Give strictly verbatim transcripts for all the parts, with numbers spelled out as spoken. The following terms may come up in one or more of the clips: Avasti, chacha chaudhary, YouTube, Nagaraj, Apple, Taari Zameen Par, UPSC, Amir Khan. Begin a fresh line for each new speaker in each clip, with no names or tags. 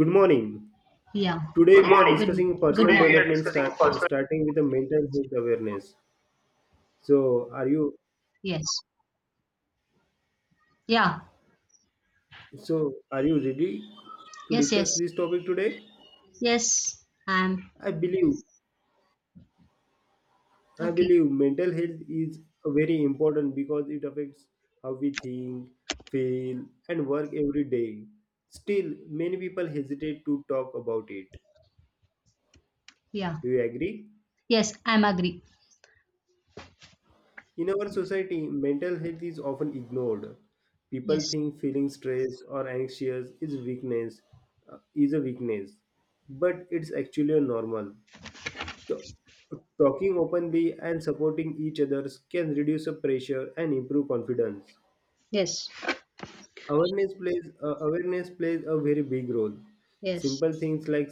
Good morning.
Yeah.
Today
Good
we are
morning. Good
discussing
good Today
personal
we morning. Are
development
discussing
start, uh,
personal.
starting with the mental health awareness. So are you
Yes. Yeah.
so are you ready to
Yes,
discuss
yes.
this topic today?
Yes. I'm
I believe I
okay.
believe mental health is very important because it affects how we think, feel and work every day. Still many people hesitate to talk about it.
Yeah.
Do you agree?
Yes, I'm agree.
In our society, mental health is often ignored. People
Yes.
think feeling stressed or anxious is weakness, uh, is a weakness, but it's actually a normal. Ta- Talking openly and supporting each other can reduce the pressure and improve confidence.
Yes.
Awareness plays uh, awareness plays a very big role.
Yes.
Simple things like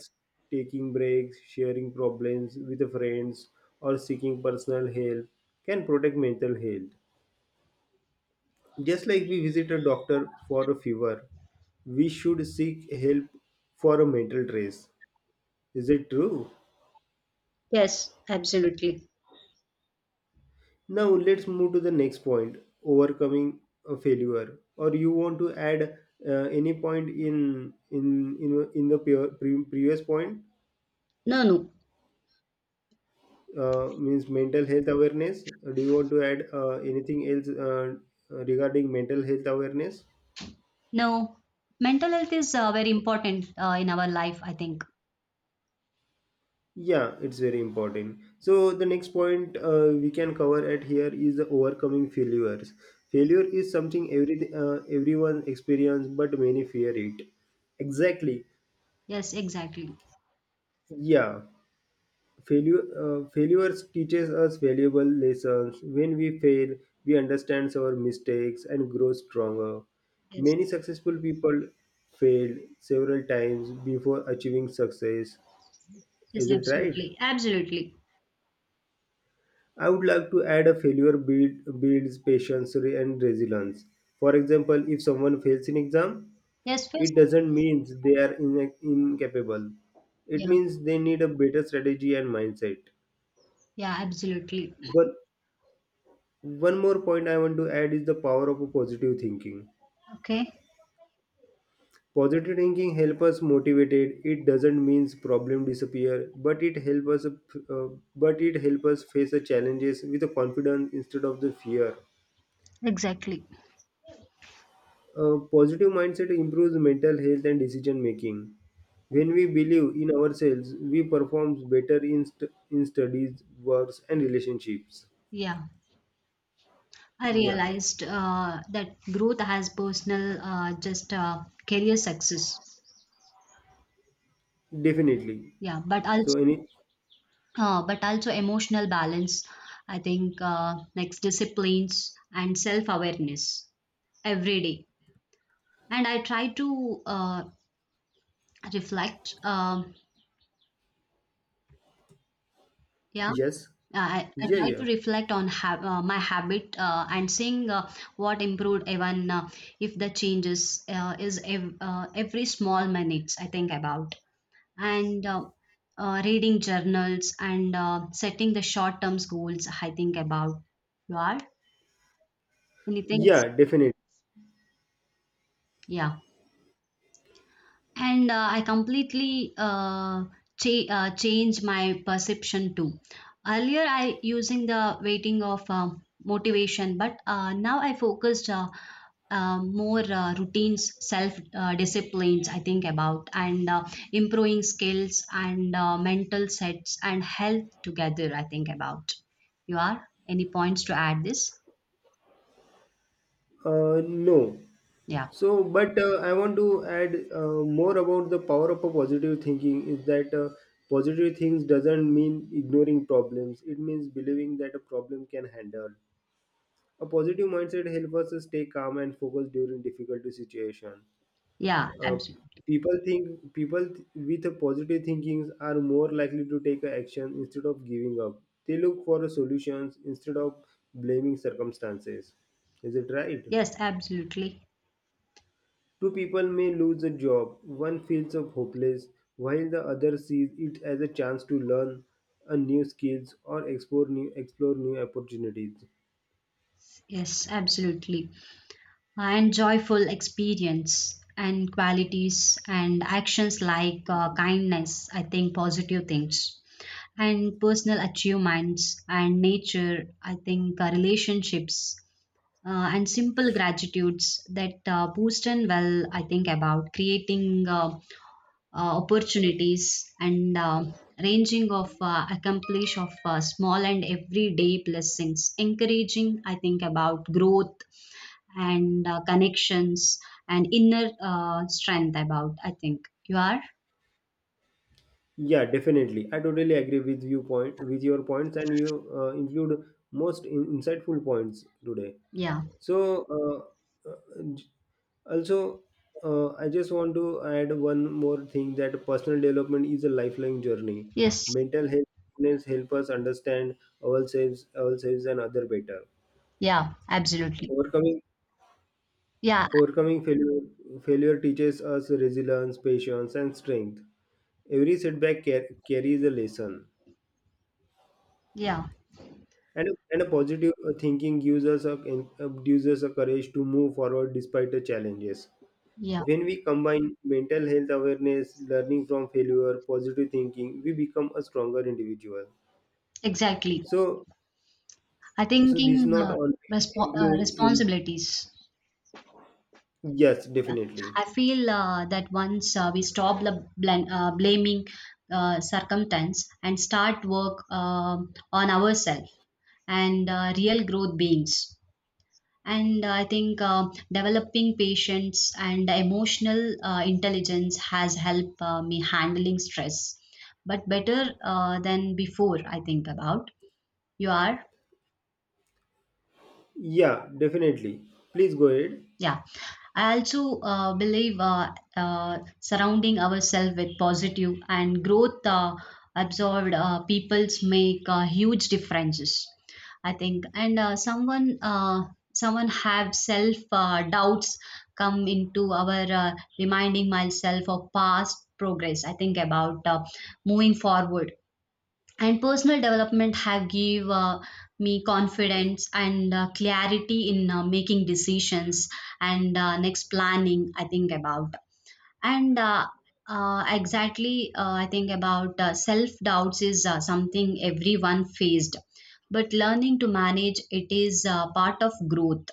taking breaks, sharing problems with friends, or seeking personal help can protect mental health. Just like we visit a doctor for a fever, we should seek help for a mental trace. Is it true?
Yes, absolutely.
Now let's move to the next point overcoming a failure. Or you want to add uh, any point in in in, in the pure, pre- previous point
No, no.
uh, means mental health awareness? Do you want to add uh, anything else uh, regarding mental health awareness?
No. Mental health is uh, very important uh, in our life, I think.
Yeah, it's very important. So the next point uh, we can cover at here is the overcoming failures. Failure is something every uh, everyone experience, but many fear it. Exactly.
Yes, exactly.
Yeah, failure uh, failures teaches us valuable lessons. When we fail, we understand our mistakes and grow stronger.
Yes.
Many successful people failed several times before achieving success. Is
Yes,
it right?
absolutely. Absolutely.
I would like to add a failure build, builds patience re- and resilience. For example, if someone fails in exam,
Yes, yes.
it doesn't mean they are in, incapable. It
Yeah.
means they need a better strategy and mindset.
Yeah, absolutely.
But one more point I want to add is the power of a positive thinking.
Okay.
Positive thinking helps us motivated. It doesn't mean problem disappear, but it helps us, uh, but it helps us face the challenges with a confidence instead of the fear.
Exactly.
A positive mindset improves mental health and decision making. When we believe in ourselves, we perform better in, st- in studies, works, and relationships.
Yeah. I
Yeah,
realized uh, that growth has personal, uh, just uh, career success.
definitely.
Yeah, but
So,
also,
any
uh, but also emotional balance. I think uh, next disciplines and self-awareness every day. And I try to uh, reflect. Um, yeah,
yes,
I, I
yeah,
try to
yeah,
reflect on ha uh, my habit uh, and seeing uh, what improved, even uh, if the changes uh, is ev uh, every small minutes, I think about. And uh, uh, reading journals and uh, setting the short term goals, I think about. You are anything.
yeah, definitely.
Yeah, and uh, I completely uh, cha- uh, change my perception too. Earlier I using the waiting of um motivation, but uh, now I focused uh, um, more uh, routines, self uh, disciplines, I think about, and uh, improving skills and uh, mental sets and health together, I think about. You are? Any points to add this?
Uh, no.
Yeah.
So, but uh, I want to add uh, more about the power of a positive thinking is that uh, positive things doesn't mean ignoring problems. It means believing that a problem can handle. A positive mindset helps us stay calm and focused during difficult situation.
Yeah.
Uh,
Absolutely.
people think people th- with a positive thinkings are more likely to take a action instead of giving up. They look for solutions instead of blaming circumstances. Is it right?
Yes, absolutely.
Two people may lose a job. One feels of hopeless, while the other sees it as a chance to learn a new skills or explore new explore new opportunities.
Yes, absolutely. And joyful experience and qualities and actions like uh, kindness, I think positive things and personal achievements and nature, I think uh, relationships uh, and simple gratitudes that uh, boost and well, I think about creating uh, uh, opportunities and uh, ranging of uh, accomplish of uh, small and everyday blessings encouraging, I think about growth and uh, connections and inner uh, strength about, I think. You are?
Yeah, definitely. I totally agree with you point with your points, and you uh, include most in- insightful points today.
Yeah.
So, uh, uh, j- also, uh, I just want to add one more thing that personal development is a lifelong journey.
Yes.
Mental health helps help us understand ourselves, ourselves and other better.
Yeah, absolutely.
Overcoming
Yeah.
overcoming failure failure teaches us resilience, patience, and strength. Every setback car- carries a lesson.
Yeah.
And and a positive uh, thinking gives us a en- uh, gives us a courage to move forward despite the challenges.
Yeah.
When we combine mental health awareness, learning from failure, positive thinking, we become a stronger individual.
Exactly.
So
I
so
thinking
this not
uh,
always
respo- uh,
include. Im-
responsibilities.
yes, definitely.
I feel uh, that once uh, we stop bl- bl- uh, blaming uh, circumstance and start work um on ourselves, and uh, real growth beings. And I think uh, developing patience and emotional uh, intelligence has helped uh, me handling stress, but better uh, than before, I think about. You are?
Yeah, definitely. Please go ahead.
Yeah, I also uh, believe uh, uh, surrounding ourselves with positive and growth uh, absorbed uh, peoples make uh, huge differences, I think. And uh, someone uh, someone have self uh, doubts come into our uh, reminding myself of past progress, I think about. Uh, moving forward and personal development have give uh, me confidence and uh, clarity in uh, making decisions and uh, next planning, I think about. And uh, uh, exactly, uh, I think about uh, self doubts is uh, something everyone faced, but learning to manage it is uh, part of growth.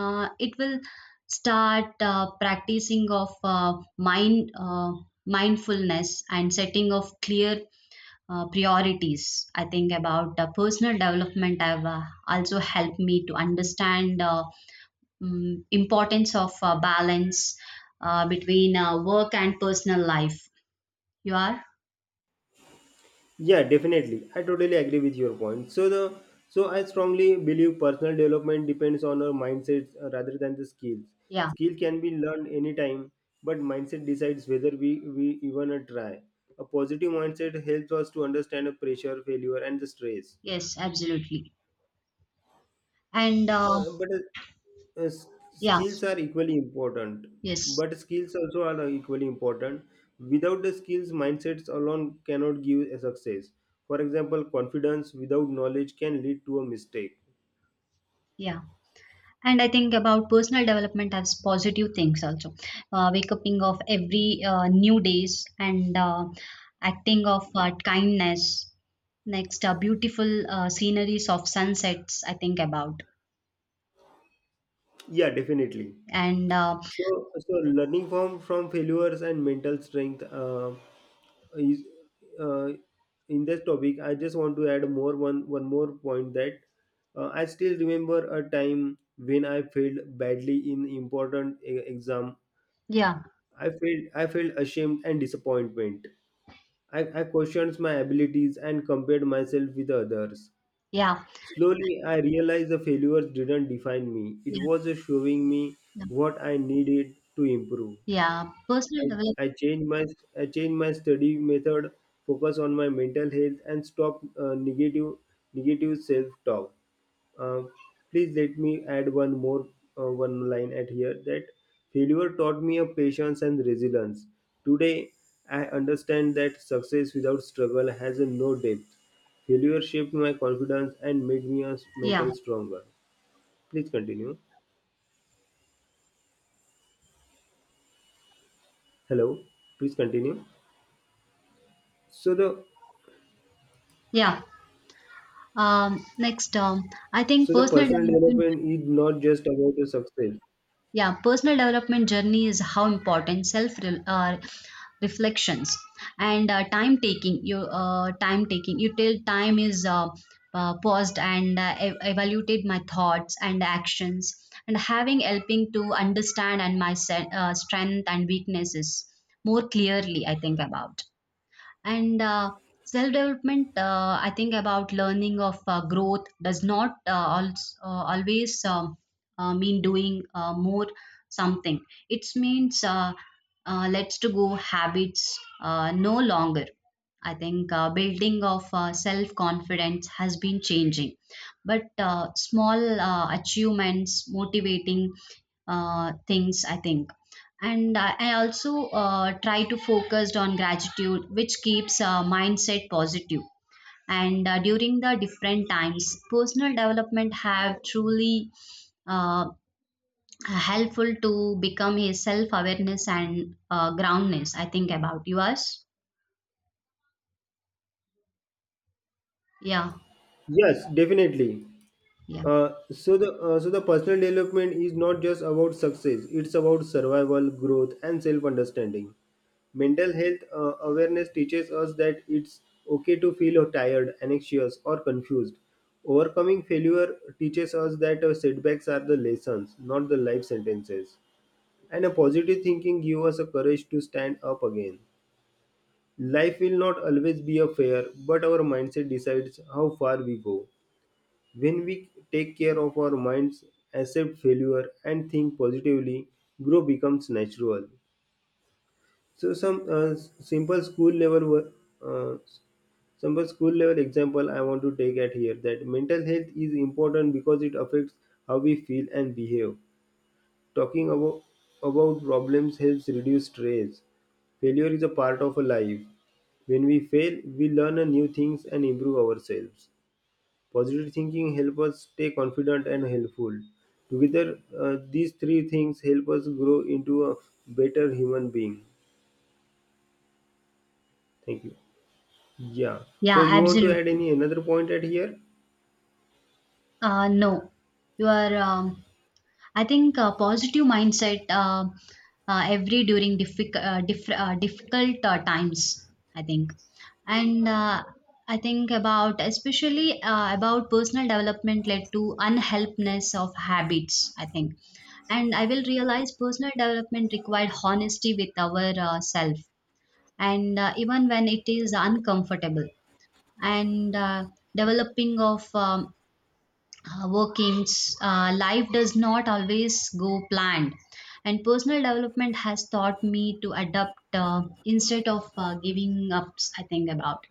uh, It will start uh, practicing of uh, mind uh, mindfulness and setting of clear uh, priorities, I think about. Uh, personal development have uh, also helped me to understand uh, mm, importance of uh, balance uh, between uh, work and personal life. You are?
Yeah, definitely. I totally agree with your point. So the so I strongly believe personal development depends on our mindset uh, rather than the skills.
Yeah.
Skill can be learned anytime, but mindset decides whether we we even uh, try. A positive mindset helps us to understand the pressure, failure, and the stress.
Yes, absolutely. And uh,
Uh, but uh, uh, s-
yeah,
skills are equally important.
yes,
But skills also are uh, equally important. Without the skills, mindsets alone cannot give a success. For example, confidence without knowledge can lead to a mistake.
yeah. And I think about personal development as positive things also. Uh, wake upping of every uh, new days and uh, acting of uh, kindness. Next, uh, beautiful uh, sceneries of sunsets, I think about.
Yeah, definitely.
And uh,
So, so learning from from failures and mental strength uh, is uh, in this topic. I just want to add more one one more point that uh, I still remember a time when I failed badly in important e- exam.
yeah,
I felt I felt ashamed and disappointment. I, I questioned my abilities and compared myself with others.
yeah,
Slowly, I realized the failures didn't define me. It
yeah,
was just showing me
yeah.
what I needed to improve.
Yeah. Personal
I,
development.
I changed my I changed my study method, focus on my mental health, and stop uh, negative negative self talk. Uh, please let me add one more uh, one line at here that failure taught me a patience and resilience. Today, I understand that success without struggle has a no depth. Failure shaped my confidence and made me a s-
Yeah,
mental stronger. Please continue. Hello. Please continue. So the
yeah. Um, next, um, I think
So the
personal
personal
development.
development is not just about the success.
Yeah, personal development journey is how important self re- uh, reflections and uh, time taking. You uh, time taking. You till time is uh, uh, paused and uh, e- evaluated my thoughts and actions, and having helping to understand and my se- uh, strength and weaknesses more clearly, I think about. And uh, self development, uh, I think about learning of uh, growth does not uh, also, uh, always um, uh, mean doing uh, more something. It means uh, uh, let's to go habits uh, no longer, I think. Uh, building of uh, self confidence has been changing, but uh, small uh, achievements motivating uh, things, I think. And i I also uh, try to focus on gratitude which keeps uh, mindset positive positive. And uh, during the different times, personal development have truly uh, helpful to become a self awareness and uh, groundness, I think about. Yours? Yeah.
Yes, definitely.
Yeah.
Uh, so the uh, so the personal development is not just about success. It's about survival, growth, and self understanding. Mental health uh, awareness teaches us that it's okay to feel tired, anxious, or confused. Overcoming failure teaches us that uh, setbacks are the lessons, not the life sentences. And a positive thinking gives us a courage to stand up again. Life will not always be a fair, but our mindset decides how far we go. When we take care of our minds, accept failure, and think positively, growth becomes natural. So, some uh, s- simple school level wo- uh, simple school level example I want to take at here that mental health is important because it affects how we feel and behave. Talking abo- about problems helps reduce stress. Failure is a part of a life. When we fail, we learn a new things and improve ourselves. Positive thinking helps us stay confident and helpful. Together, uh, these three things help us grow into a better human being. Thank you. Yeah. So
Yeah,
you want to add
absolutely.
any another point at here?
Uh, no. You are? um, I think uh, positive mindset uh, uh, every during diffic- uh, diff- uh, difficult uh, times, I think. And uh, I think about, especially uh, about personal development led to unhelpness of habits, I think. And I will realize personal development required honesty with our uh, self, and uh, even when it is uncomfortable, and uh, developing of um, uh, workings, uh, life does not always go planned. And personal development has taught me to adapt uh, instead of uh, giving up, I think about.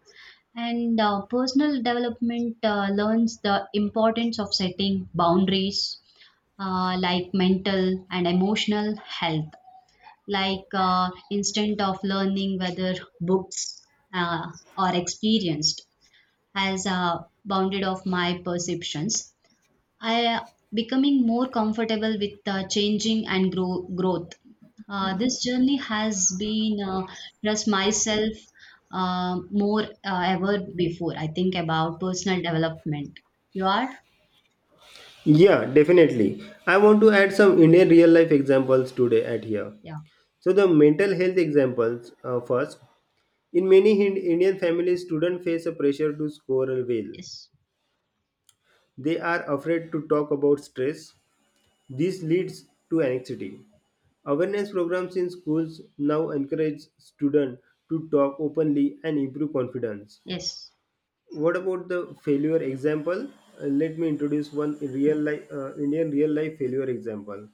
And uh, personal development uh, learns the importance of setting boundaries uh, like mental and emotional health, like uh, instead of learning whether books uh, are experienced, has uh, bounded of my perceptions. I uh, becoming more comfortable with uh, changing and grow, growth. Uh, this journey has been uh, just myself uh, more uh, ever before, I think about personal development. You are?
Yeah, definitely. I want to add some Indian real life examples today at here.
Yeah.
So the mental health examples uh, first. In many Hin- Indian families, students face a pressure to score well.
Yes.
They are afraid to talk about stress. This leads to anxiety. Awareness programs in schools now encourage students to talk openly and improve confidence.
Yes.
What about the failure example? Uh, let me introduce one real life uh, Indian real life failure example.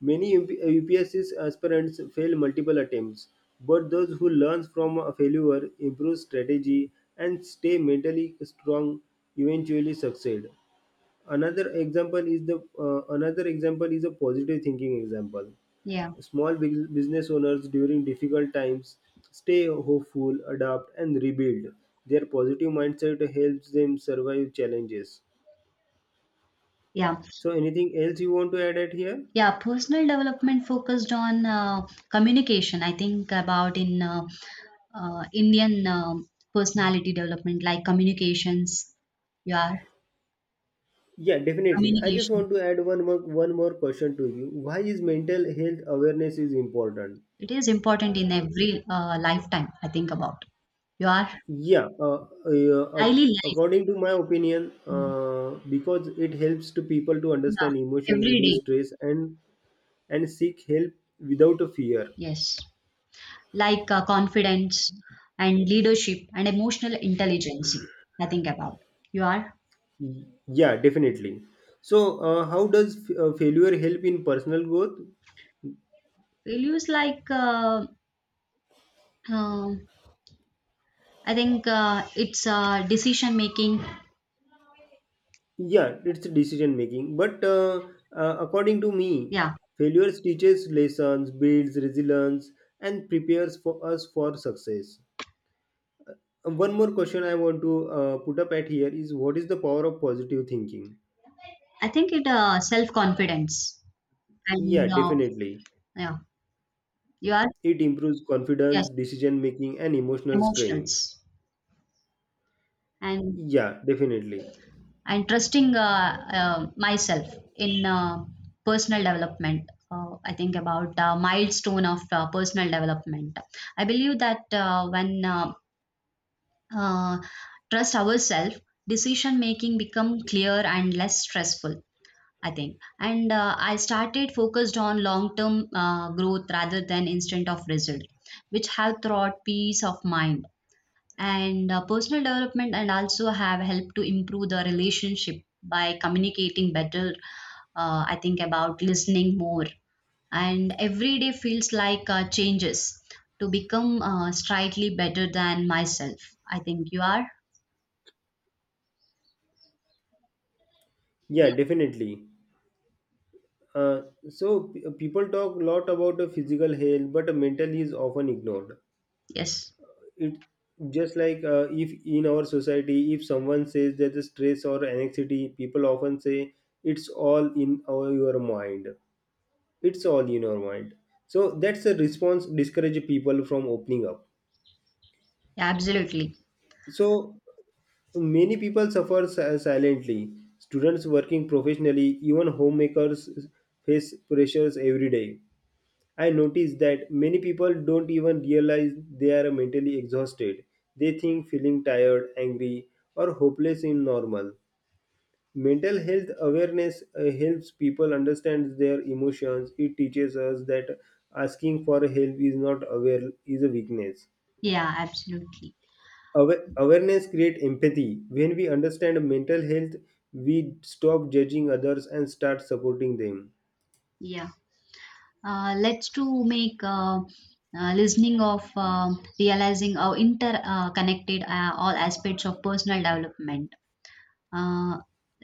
Many UP- U P S C aspirants fail multiple attempts, but those who learn from a failure, improve strategy, and stay mentally strong eventually succeed. Another example is the uh, another example is a positive thinking example.
Yeah.
Small bus- business owners during difficult times stay hopeful, adapt, and rebuild. Their positive mindset helps them survive challenges.
Yeah.
So, anything else you want to add at here?
Yeah. Personal development focused on uh, communication, I think about, in uh, uh, Indian um personality development like communications. You are?
Yeah, definitely. I just
Communication.
want to add one more one more question to you. Why is mental health awareness is important?
It is important in every uh, lifetime, I think about. Your
Yeah, uh, uh, uh,
daily life,
according to my opinion,
mm,
uh, because it helps to people to understand
yeah,
emotions,
every
reduce
day,
stress, and and seek help without a fear.
yes. Like uh, confidence and leadership and emotional intelligence, I think about. Your
Y- Yeah, definitely. So, uh, how does f- uh, failure help in personal growth?
values like, uh, uh, I think uh, it's uh, decision making.
Yeah, it's decision making. But uh, uh, according to me,
Yeah,
failures teaches lessons, builds resilience, and prepares for us for success. And one more question I want to uh, put up at here is what is the power of positive thinking?
I think it uh, self-confidence
Yeah,
and uh,
definitely.
yeah, you are,
It improves
yes,
confidence, decision making, and emotional
emotions
strength.
and
Yeah, definitely.
and trusting uh, uh, myself in uh, personal development. Uh, I think about uh, milestone of uh, personal development. I believe that uh, when uh, uh, trust ourselves, decision making become clear and less stressful, I think. And uh, I started focused on long term uh, growth rather than instant of result, which have brought peace of mind, and uh, personal development and also have helped to improve the relationship by communicating better, uh, I think about listening more, and every day feels like uh, changes to become uh, slightly better than myself, I think. You are?
Yeah,
Yeah.
definitely. Uh, so p- people talk a lot about uh, physical health, but uh, mental is often ignored.
Yes.
It just like uh, if in our society if someone says that the stress or anxiety, people often say it's all in our, your mind, it's all in your mind. So that's a response discourage people from opening up.
Yeah, absolutely.
So many people suffer si- silently, students working professionally, even homemakers face pressures every day. I noticed that many people don't even realize they are mentally exhausted. They think feeling tired, angry, or hopeless is normal. Mental health awareness uh, helps people understand their emotions. It teaches us that asking for help is not aware is a weakness.
Yeah, absolutely.
Awa- awareness creates empathy. When we understand mental health, we stop judging others and start supporting them.
Yeah, uh, let's to make uh, uh, listening of, uh, realizing how interconnected uh, connected uh, all aspects of personal development. Uh,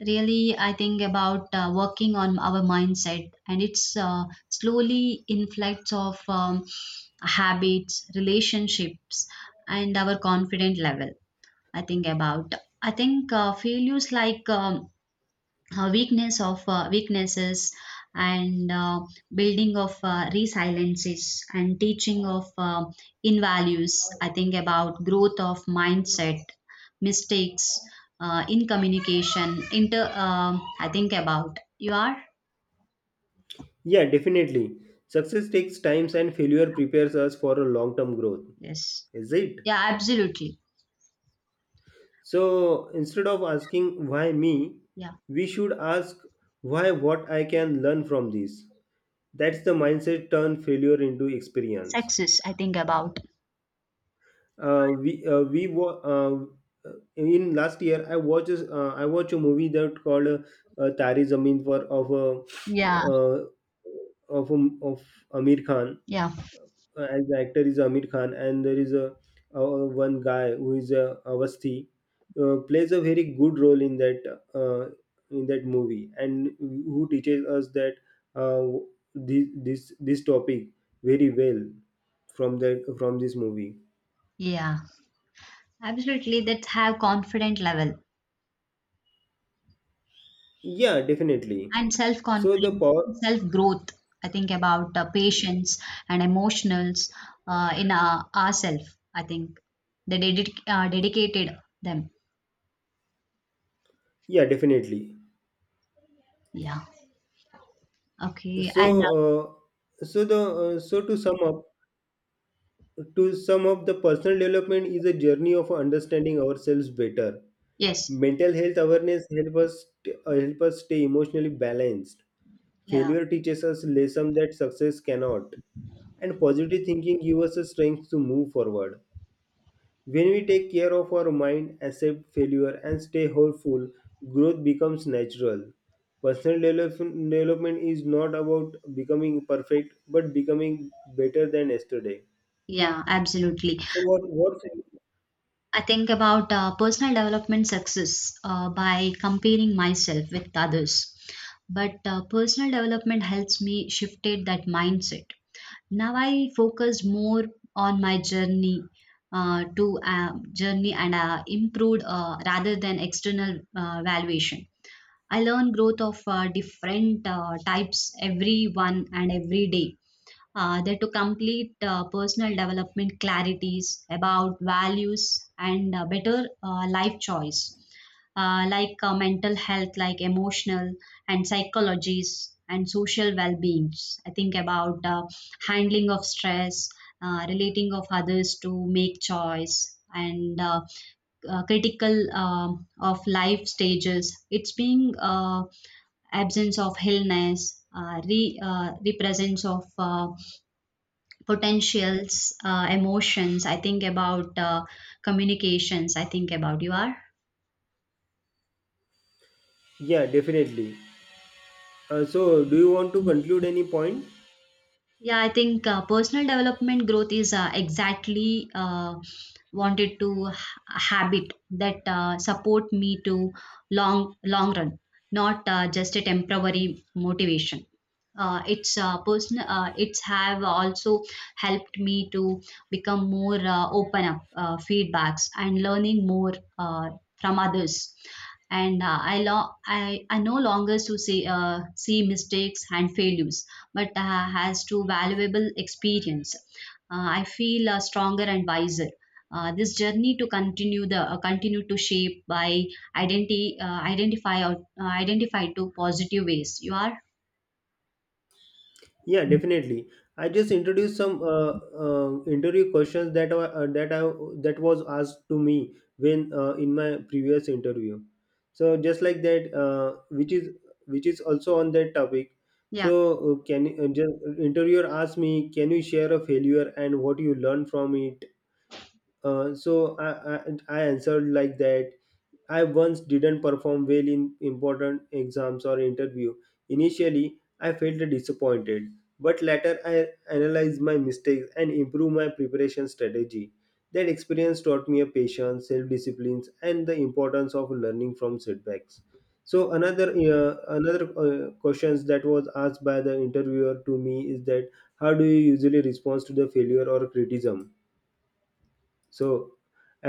Really, I think about uh, working on our mindset, and it's uh, slowly inflects of um, habits, relationships, and our confident level, I think about. I think uh, failures like um, uh, weakness of uh, weaknesses and uh, building of uh, resiliences and teaching of uh, in values, I think about growth of mindset mistakes uh, in communication inter um, I think about. You are?
Yeah, definitely. Success takes time and failure prepares us for a long term growth,
Yes.
is it?
Yeah, absolutely.
So instead of asking why me,
Yeah,
we should ask why what I can learn from this. That's the mindset turn failure into experience.
success, I think about.
Uh, we uh, we wa- uh, in last year I watched a- uh, I watched a movie that called uh, uh, Tari Zameen for of a
Yeah.
uh, of a, of Amir Khan,
Yeah.
uh, and the actor is Amir Khan, and there is a uh, one guy who is uh, Avasti uh, plays a very good role in that uh, in that movie, and who teaches us that uh, this this this topic very well from that from this movie.
Yeah, absolutely. That have confident level
Yeah, definitely.
and self
So the
confidence,
power.
self growth. I think about uh, patience and emotionals uh, in uh, ourselves, I think. They dedic- uh, dedicated them.
Yeah, definitely.
Yeah. Okay.
So
And uh,
uh, so the uh, so to sum up to sum up the personal development is a journey of understanding ourselves better.
yes.
Mental health awareness help us uh, help us stay emotionally balanced.
Yeah.
Failure teaches us lessons that success cannot, and positive thinking gives us the strength to move forward. When we take care of our mind, accept failure, and stay hopeful, growth becomes natural. Personal development development is not about becoming perfect, but becoming better than yesterday.
Yeah. Absolutely.
So what what?
I think about uh, personal development success uh, by comparing myself with others. But uh, personal development helps me shifted that mindset. Now I focus more on my journey uh, to uh, journey and uh, improved uh, rather than external uh, valuation. I learn growth of uh, different uh, types every one and every day, uh, they're to complete uh, personal development clarities about values and uh, better uh, life choice, uh, like uh, mental health, like emotional and psychologies and social well-beings, I think about uh, handling of stress, uh, relating of others to make choice, and uh, uh, critical um, of life stages, it's being uh, absence of illness, uh, re, uh, represents of uh, potentials, uh, emotions, I think about uh, communications, I think about. You are?
Yeah, definitely. Uh, so do you want to conclude any point?
Yeah, I think uh, personal development growth is uh, exactly uh, wanted to h- habit that uh, support me to long long run, not uh, just a temporary motivation. Uh, it's uh, personal. Uh, it's have also helped me to become more uh, open up uh, feedbacks and learning more uh, from others. And uh, I, lo- I I no longer to see uh, see mistakes and failures, but uh, has to valuable experience. Uh, I feel uh, stronger and wiser. Uh, this journey to continue the uh, continue to shape by identity uh, identify or uh, identify to positive ways. You are?
Yeah, definitely. I just introduced some uh, uh, interview questions that were uh, that I that was asked to me when uh, in my previous interview. So just like that, uh, which is which is also on that topic.
Yeah.
So uh, can you- uh, just interviewer asked me, can you share a failure and what you learned from it? Uh, so I, I I answered like that, I once didn't perform well in important exams or interview. Initially, I felt disappointed, but later I analyzed my mistakes and improved my preparation strategy. That experience taught me a patience, self-discipline, and the importance of learning from setbacks. So another uh, another uh, questions that was asked by the interviewer to me is that how do you usually respond to the failure or criticism? So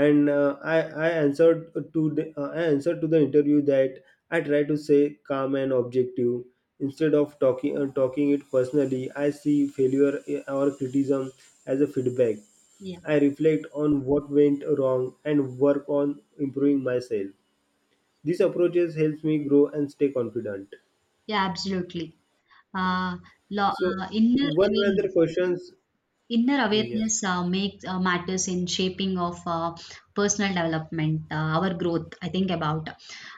and uh, I I answered to the uh, i answered to the interview that I try to say calm and objective instead of talking uh, talking it personally, I see failure uh, or criticism as a feedback.
Yeah.
I reflect on what went wrong and work on improving myself. These approaches helps me grow and stay confident.
Yeah, absolutely. Uh, lo-
So
uh, Inner
one another
awareness.
questions.
Inner
Yes.
awareness uh, makes uh, matters in shaping of uh, personal development, uh, our growth, I think about.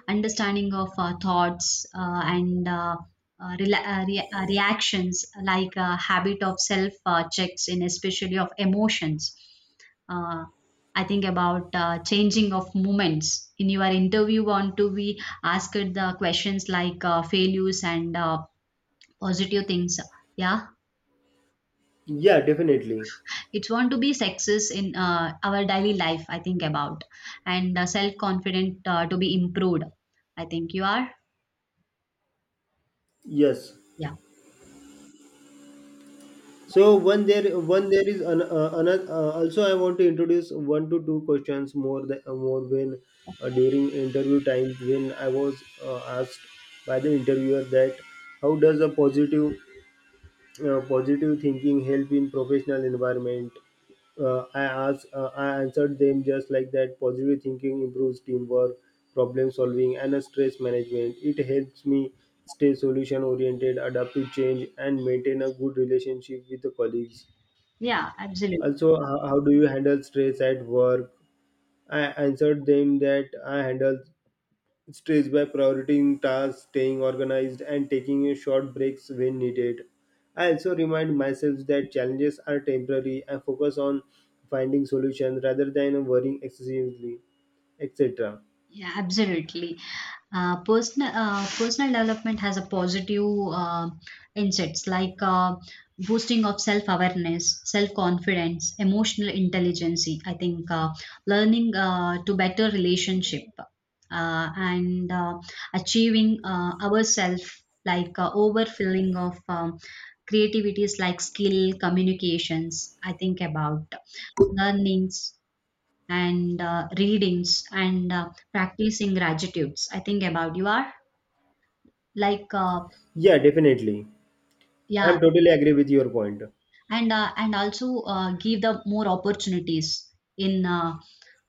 Understanding of uh, thoughts uh, and uh, uh, rela- uh, re- uh, reactions, like uh, habit of self uh, checks, in especially of emotions. Uh, I think about uh, changing of moments. In your interview, want to be asked the questions like uh, failures and uh, positive things. Yeah,
Yeah, definitely.
it's want to be success in uh, our daily life, I think about, and uh, self confident uh, to be improved, I think. You are?
Yes.
Yeah.
So one there one there is an, uh, another uh, also I want to introduce one to two questions more the, uh, more when uh, during interview time when I was uh, asked by the interviewer that how does a positive uh, positive thinking help in professional environment? Uh, i asked uh, i answered them just like that, positive thinking improves teamwork, problem solving, and uh, stress management. It helps me stay solution oriented, adapt to change, and maintain a good relationship with the colleagues.
Yeah, absolutely.
Also, how, how do you handle stress at work? I answered them that I handle stress by prioritizing tasks, staying organized, and taking short breaks when needed. I also remind myself that challenges are temporary and focus on finding solutions rather than worrying excessively, et cetera.
Yeah, absolutely. Uh, personal uh, personal development has a positive uh, insights like uh, boosting of self awareness, self confidence, emotional intelligence. I think uh, learning uh, to better relationship uh, and uh, achieving uh, ourself like uh, overfilling of um, creativities like skill communications, I think about learnings and uh, readings and uh, practicing gratitudes, I think about. You are like uh,
Yeah, definitely.
yeah,
I'm totally agree with your point.
and uh, and also uh, give the more opportunities in uh,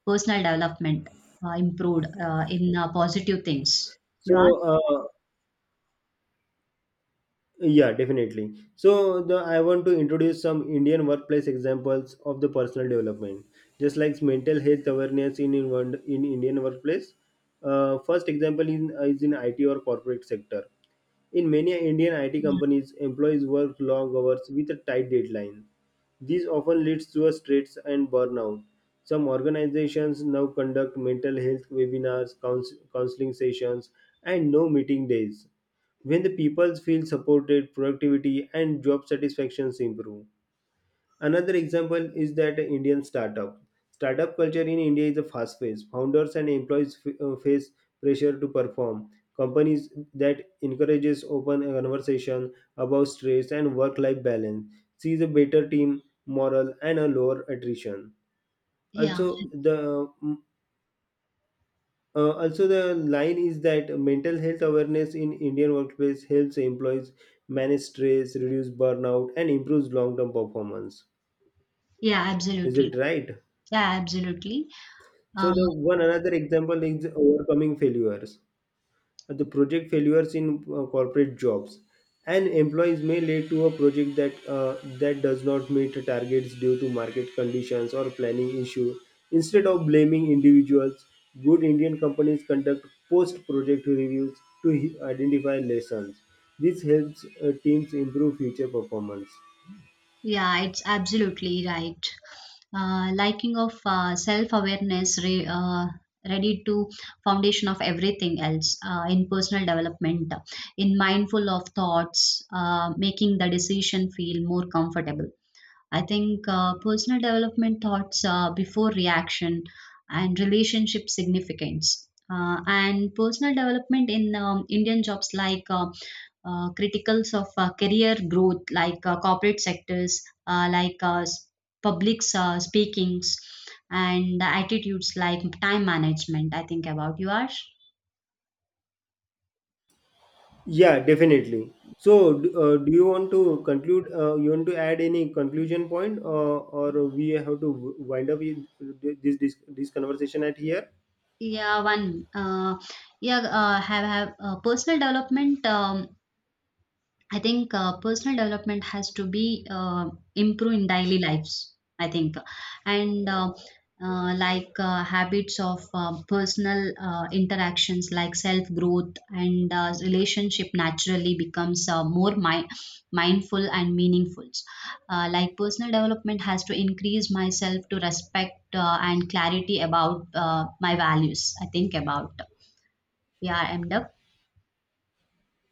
personal development uh, improved uh, in uh, positive things.
So,
You are?
uh, Yeah, definitely. So the I want to introduce some Indian workplace examples of the personal development, just like mental health awareness in in, one- in Indian workplace. Uh, first example in, is in I T or corporate sector. In many Indian I T
Yeah.
companies, employees work long hours with a tight deadline. This often leads to a stress and burnout. Some organizations now conduct mental health webinars, couns- counseling sessions, and no meeting days. When the people feel supported, productivity and job satisfactions improve. Another example is that Indian startup. Startup culture in India is a fast paced. Founders and employees f- uh, face pressure to perform. Companies that encourages open conversation about stress and work-life balance sees a better team morale and a lower attrition.
Yeah,
Also, the uh, also, the line is that mental health awareness in Indian workplace helps employees manage stress, reduce burnout, and improves long-term performance.
yeah,
Is
absolutely.
it right?
Yeah, absolutely.
So
Uh,
the one another example is overcoming failures. The project failures in uh, corporate jobs and employees may lead to a project that uh, that does not meet targets due to market conditions or planning issue. Instead of blaming individuals, good Indian companies conduct post project reviews to hi- identify lessons. This helps uh, teams improve future performance.
Yeah, it's absolutely right. Uh, liking of uh, self-awareness, re, uh, ready to foundation of everything else uh, in personal development, in mindful of thoughts, uh, making the decision feel more comfortable, I think. Uh, personal development thoughts uh, before reaction and relationship significance. Uh, and personal development in um, Indian jobs like uh, uh, criticals of uh, career growth, like uh, corporate sectors, uh, like uh, s- public uh, speakings, and the attitudes like time management, I think about. You, Ash?
Yeah, definitely. So, d- uh, do you want to conclude? Uh, you want to add any conclusion point, uh, or we have to w- wind up with this this this conversation at here?
Yeah, one. Uh, yeah, uh, have have uh, personal development. Um, I think uh, personal development has to be uh, improved in daily lives, I think. And uh, uh, like uh, habits of uh, personal uh, interactions, like self growth and uh, relationship, naturally becomes uh, more mi- mindful and meaningful. Uh, like personal development has to increase myself to respect uh, and clarity about uh, my values, I think about. Yeah, I end up.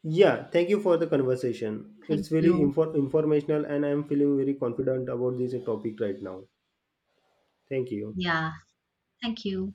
Yeah, thank you for the conversation.
Thank
It's very
you.
infor- informational, and I'm feeling very confident about this topic right now. Thank you.
Yeah, thank you.